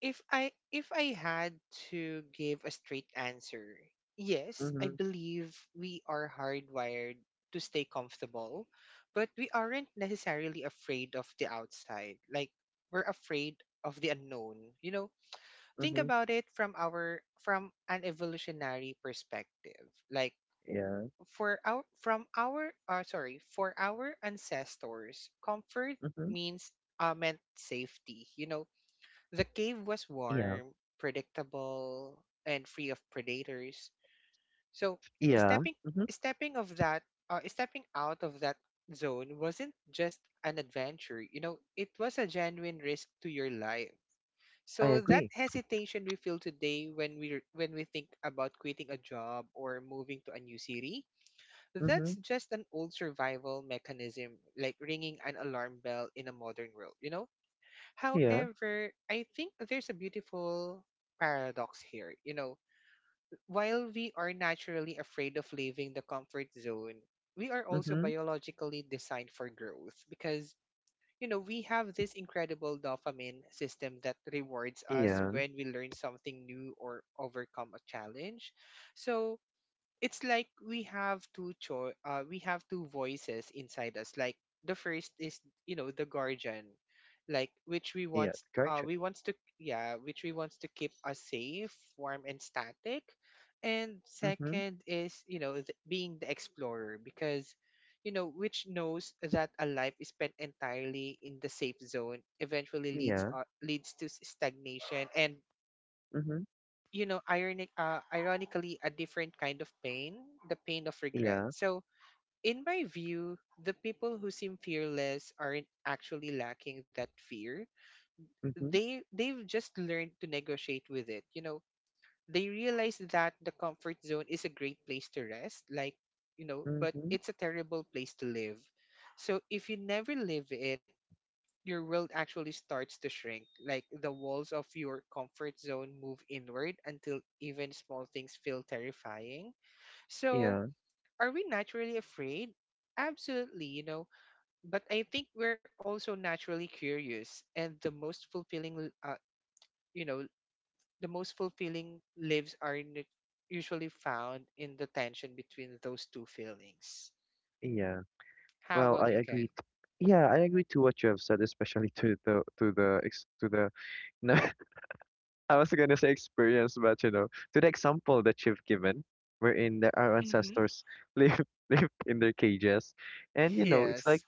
if I had to give a straight answer, yes, I Mhm. believe we are hardwired to stay comfortable, but we aren't necessarily afraid of the outside. Like we're afraid of the unknown. You know, think Mhm. about it from our from an evolutionary perspective. Like Yeah. for our from our sorry, for our ancestors, comfort Mhm. means meant safety. You know, the cave was Yeah. warm, predictable, and free of predators. So Yeah. stepping Mhm. stepping of that stepping out of that zone wasn't just an adventure. You know, it was a genuine risk to your life. I So that agree. hesitation we feel today when we think about quitting a job or moving to a new city, that's Mhm. just an old survival mechanism, like ringing an alarm bell in a modern world, you know? Yeah. However, I think there's a beautiful paradox here. You know, while we are naturally afraid of leaving the comfort zone, we are also Mhm. biologically designed for growth because, you know, we have this incredible dopamine system that rewards us Yeah. when we learn something new or overcome a challenge. So, it's like we have we have two voices inside us. Like the first is, you know, the guardian, like which Yeah. Gotcha. we wants to yeah which we wants to keep us safe, warm and static, and Mhm. second is, you know, being the explorer because, you know, which knows that a life is spent entirely in the safe zone eventually Yeah. Leads to stagnation, and Mhm. you know, ironically, a different kind of pain, the pain of regret. Yeah. So in my view, the people who seem fearless aren't actually lacking that fear, Mhm. they they've just learned to negotiate with it, you know. They realize that the comfort zone is a great place to rest, like, you know, but Mhm. it's a terrible place to live. So if you never live it, your world actually starts to shrink. Like the walls of your comfort zone move inward until even small things feel terrifying. So, Yeah. are we naturally afraid? Absolutely, you know, but I think we're also naturally curious, and the you know, the most fulfilling lives are usually found in the tension between those two feelings. Yeah. How Well, I about you, Ken? agreed. Yeah, I agree to what you have said, especially to the ex to the no, I was gonna say experience, but you know, to the example that you've given, wherein the, our Mm-hmm. ancestors live lived in their cages, and you know, it's like Yes,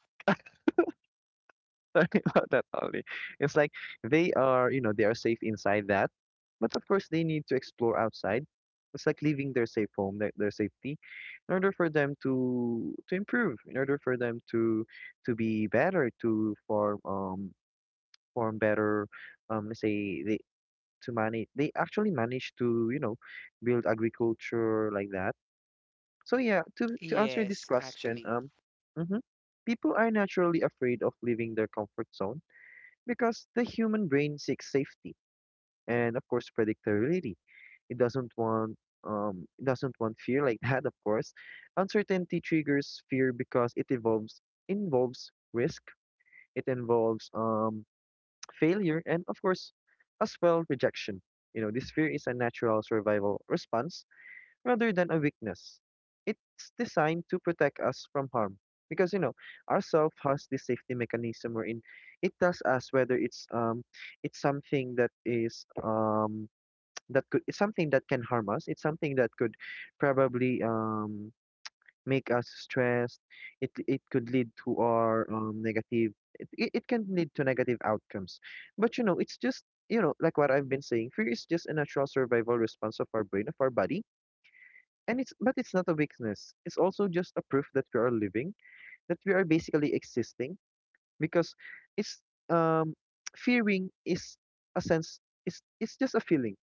Sorry about that, Ollie. It's like they are, you know, they are safe inside that, but of course they need to explore outside. It's like leaving their safe home, their safety, in order for them to improve, in order for them to be better, to form form better, let's say they to manage. They actually manage to you know build agriculture like that. So yeah, to answer this yes, question, actually. Mhm, people are naturally afraid of leaving their comfort zone because the human brain seeks safety and of course predictability. It doesn't want it doesn't want fear like that, of course. Uncertainty triggers fear because it involves risk, it involves failure and of course as well, rejection. You know, this fear is a natural survival response rather than a weakness. It's designed to protect us from harm because you know our self has this safety mechanism wherein it tells us whether it's something that is that could it's something that can harm us. It's something that could probably make us stressed. It could lead to our negative. It can lead to negative outcomes, but you know it's just you know, like what I've been saying. Fear is just a natural survival response of our brain, of our body, and it's not a weakness. It's also just a proof that we are living, that we are basically existing, because it's um fearing is a sense, it's just a feeling.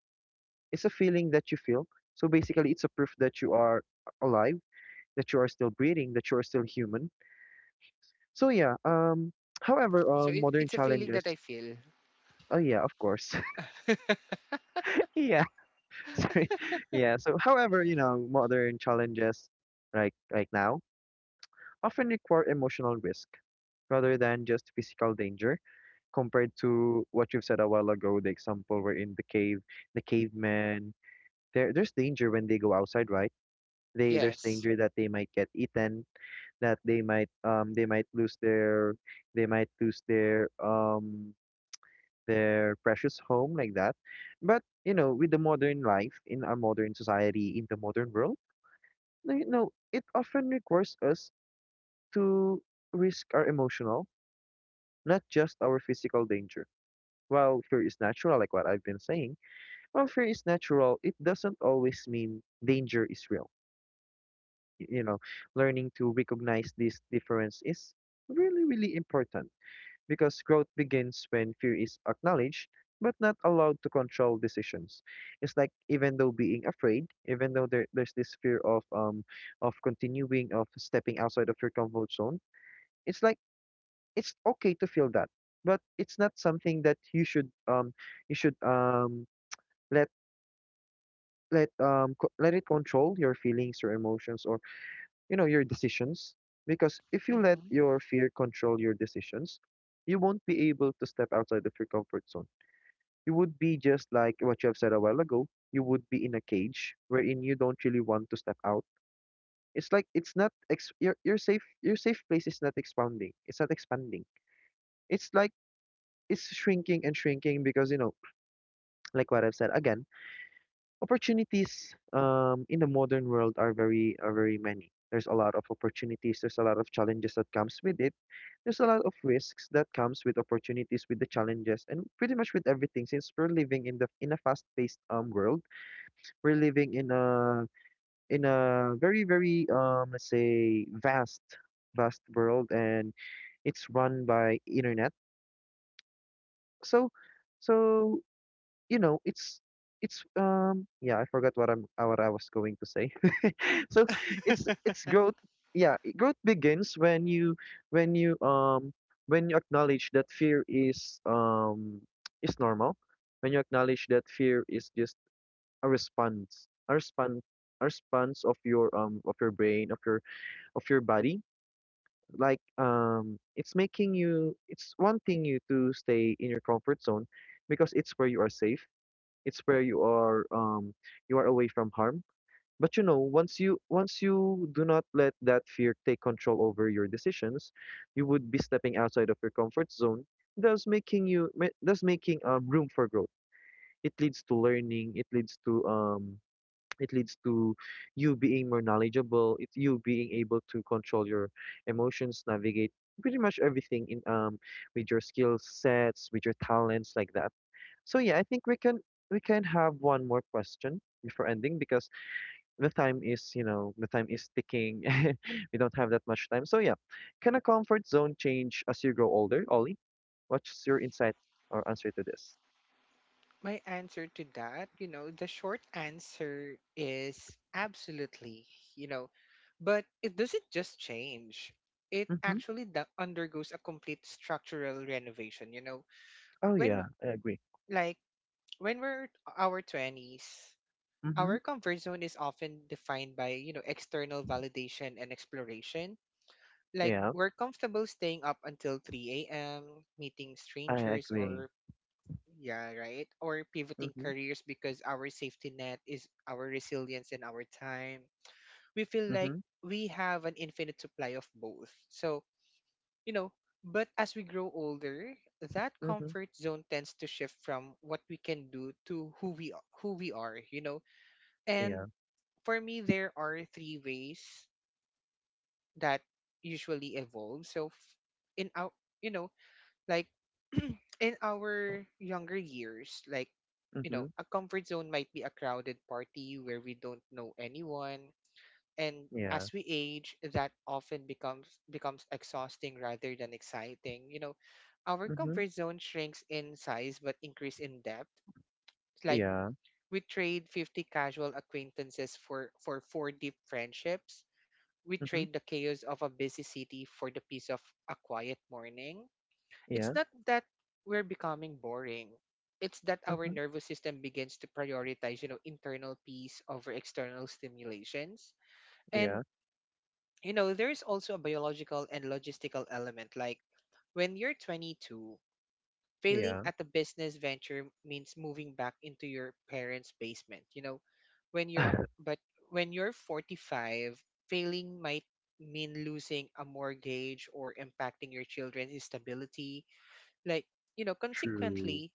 It's a feeling that you feel. So basically it's a proof that you are alive, that you are still breathing, that you are still human. So So it, modern it's a feeling that I challenges feel. oh yeah, of course. Yeah. Sorry. Yeah. So however, you know, modern challenges like now often require emotional risk rather than just physical danger, compared to what you've said a while ago, the example where in the cave the cavemen, there's danger when they go outside, right? They there's Yes. danger that they might get eaten, that they might they might lose their, they might lose their precious home like that. But you know, with the modern life, in our modern society, in the modern world, you know, it often requires us to risk our emotional, not just our physical danger. While fear is natural, like what I've been saying. While fear is natural, it doesn't always mean danger is real. You know, learning to recognize this difference is really, really important because growth begins when fear is acknowledged but not allowed to control decisions. It's like even though being afraid, even though there's this fear of continuing, of stepping outside of your comfort zone, it's like it's okay to feel that, but it's not something that you should you should um let let it control your feelings, your emotions, or you know, your decisions. Because if you let Hmm. your fear control your decisions, you won't be able to step outside of your comfort zone. You would be just like what you have said a while ago, you would be in a cage wherein you don't really want to step out. It's like it's not ex- your safe, your safe place is not expanding, it's not expanding, it's like it's shrinking and shrinking. Because you know, like what I've said again, opportunities in the modern world are very many. There's a lot of opportunities. There's a lot of challenges that comes with it. There's a lot of risks that comes with opportunities, with the challenges, and pretty much with everything. Since we're living in the in a fast-paced world, we're living in a very, very let's say vast world, and it's run by internet. So so you know, it's yeah, I forgot what I'm what I was going to say. So it's growth. Yeah, growth begins when you when you when you acknowledge that fear is is normal. When you acknowledge that fear is just a response, a response, a response of your brain, of your body. Like it's making you. It's wanting you to stay in your comfort zone because it's where you are safe, it's where you are away from harm. But you know, once you do not let that fear take control over your decisions, you would be stepping outside of your comfort zone, thus thus making room for growth. It leads to learning, it leads to it leads to you being more knowledgeable, it you being able to control your emotions, navigate pretty much everything in with your skill sets, with your talents like that. So yeah, I think we can have one more question before ending, because the time is ticking. We don't have that much time. So yeah, can a comfort zone change as you grow older, Ollie? What's your insight or answer to this? My answer to that, you know, the short answer is absolutely, you know, but it doesn't just change. It Mm-hmm. actually undergoes a complete structural renovation, you know. Oh yeah, When I agree. like when we're our 20s, Mm-hmm. our comfort zone is often defined by, you know, external validation and exploration. Like Yeah, we're comfortable staying up until 3 a.m., meeting I strangers agree. or yeah, right. Or pivoting Mm-hmm. careers because our safety net is our resilience and our time. We feel like Mm-hmm. we have an infinite supply of both. So, you know, but as we grow older, that Mm-hmm. comfort zone tends to shift from what we can do to who we are, you know. Yeah. And for me there are three ways that usually evolve. So, f- in our you know, like in our younger years, like, you Mm-hmm. know, a comfort zone might be a crowded party where we don't know anyone, and Yeah. as we age that often becomes exhausting rather than exciting, you know, our Mm-hmm. comfort zone shrinks in size but increase in depth. Like Yeah. we trade 50 casual acquaintances for four deep friendships, we Mm-hmm. trade the chaos of a busy city for the peace of a quiet morning. It's Yeah. not that we're becoming boring. It's that our Mm-hmm. nervous system begins to prioritize, you know, internal peace over external stimulations. And, Yeah. you know, there's also a biological and logistical element. Like when you're 22, failing Yeah. at a business venture means moving back into your parents' basement. You know, when you're, but when you're 45, failing might mean losing a mortgage or impacting your children's stability, like, you know, True. consequently,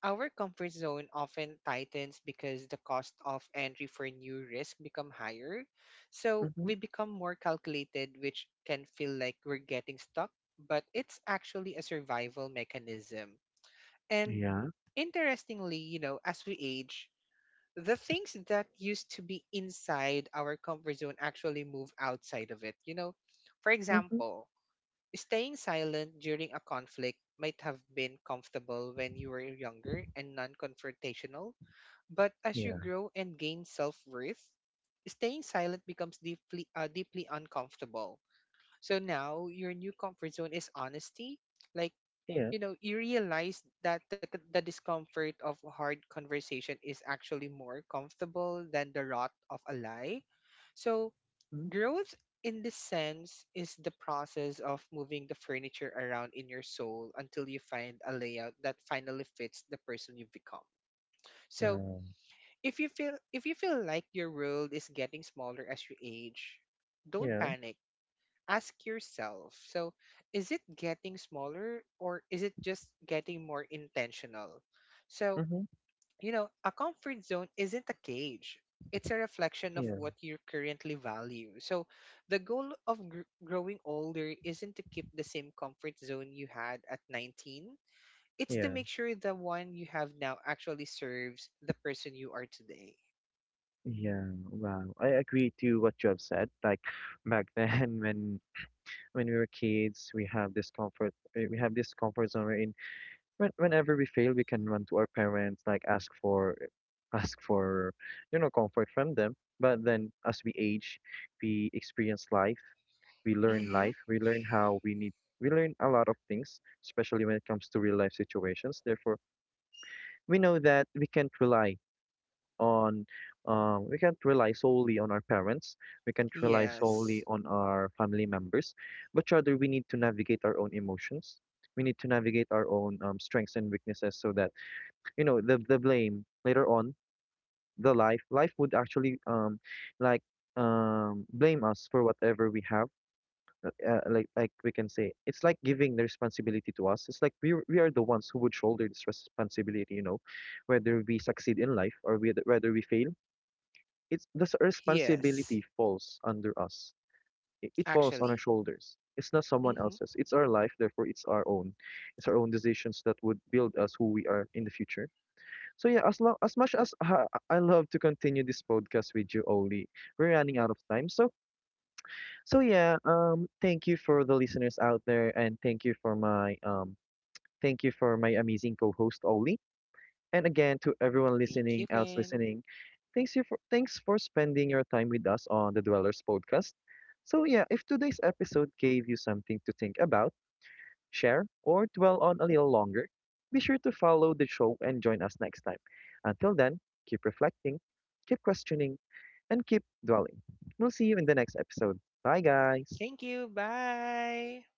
our comfort zone often tightens because the cost of entry for new risk become higher. So Mm-hmm. we become more calculated, which can feel like we're getting stuck, but it's actually a survival mechanism. And Yeah. interestingly, you know, as we age, the things that used to be inside our comfort zone actually move outside of it. You know, for Mm-hmm. example, staying silent during a conflict might have been comfortable when you were younger and non confrontational, but as you Yeah. grow and gain self worth, staying silent becomes deeply uncomfortable. So now your new comfort zone is honesty. Like, Yeah. you know, you realize that the discomfort of hard conversation is actually more comfortable than the rot of a lie. So Mm. growth, in this sense, is the process of moving the furniture around in your soul until you find a layout that finally fits the person you've become. So, Well, if you feel like your world is getting smaller as you age, don't yeah. panic. Ask yourself, so is it getting smaller or is it just getting more intentional? So, Mm-hmm. you know, a comfort zone isn't a cage. It's a reflection of what Yeah. you currently value. So, the goal of growing older isn't to keep the same comfort zone you had at 19. It's to Yeah. make sure the one you have now actually serves the person you are today. Yeah. Wow. I agree to what you have said. Like back then when we were kids, we have this comfort zone We're In when, whenever we fail, we can run to our parents, like ask for ask for, you know, comfort from them. But then as we age, we experience Mm-hmm. life, we learn how we need we learn a lot of things, especially when it comes to real life situations. Therefore, we know that we can't rely on we can't rely solely on our parents, we can't rely solely Yes. on our family members, but rather we need to navigate our own emotions, we need to navigate our own strengths and weaknesses, so that you know the blame later on the life life would actually like blame us for whatever we have like we can say it's like giving the responsibility to us. It's like we are the ones who would shoulder this responsibility, you know, whether we succeed in life, or whether we fail, it's the Yes. responsibility falls under us. It falls on our Actually. shoulders. It's not someone Mm-hmm. else's. It's our life, therefore it's our own. It's our own decisions that would build us who we are in the future. So yeah, as long as much as I love to continue this podcast with you, Oli, we're running out of time. So so yeah, thank you for the listeners out there, and thank you for my thank you for my amazing co-host Oli. And again, to everyone Thank listening, you, else Ken. listening, thanks for spending your time with us on the Dwellers podcast. So yeah, if today's episode gave you something to think about, share, or dwell on a little longer, be sure to follow the show and join us next time. Until then, keep reflecting, keep questioning, and keep dwelling. We'll see you in the next episode. Bye guys. Thank you. Bye.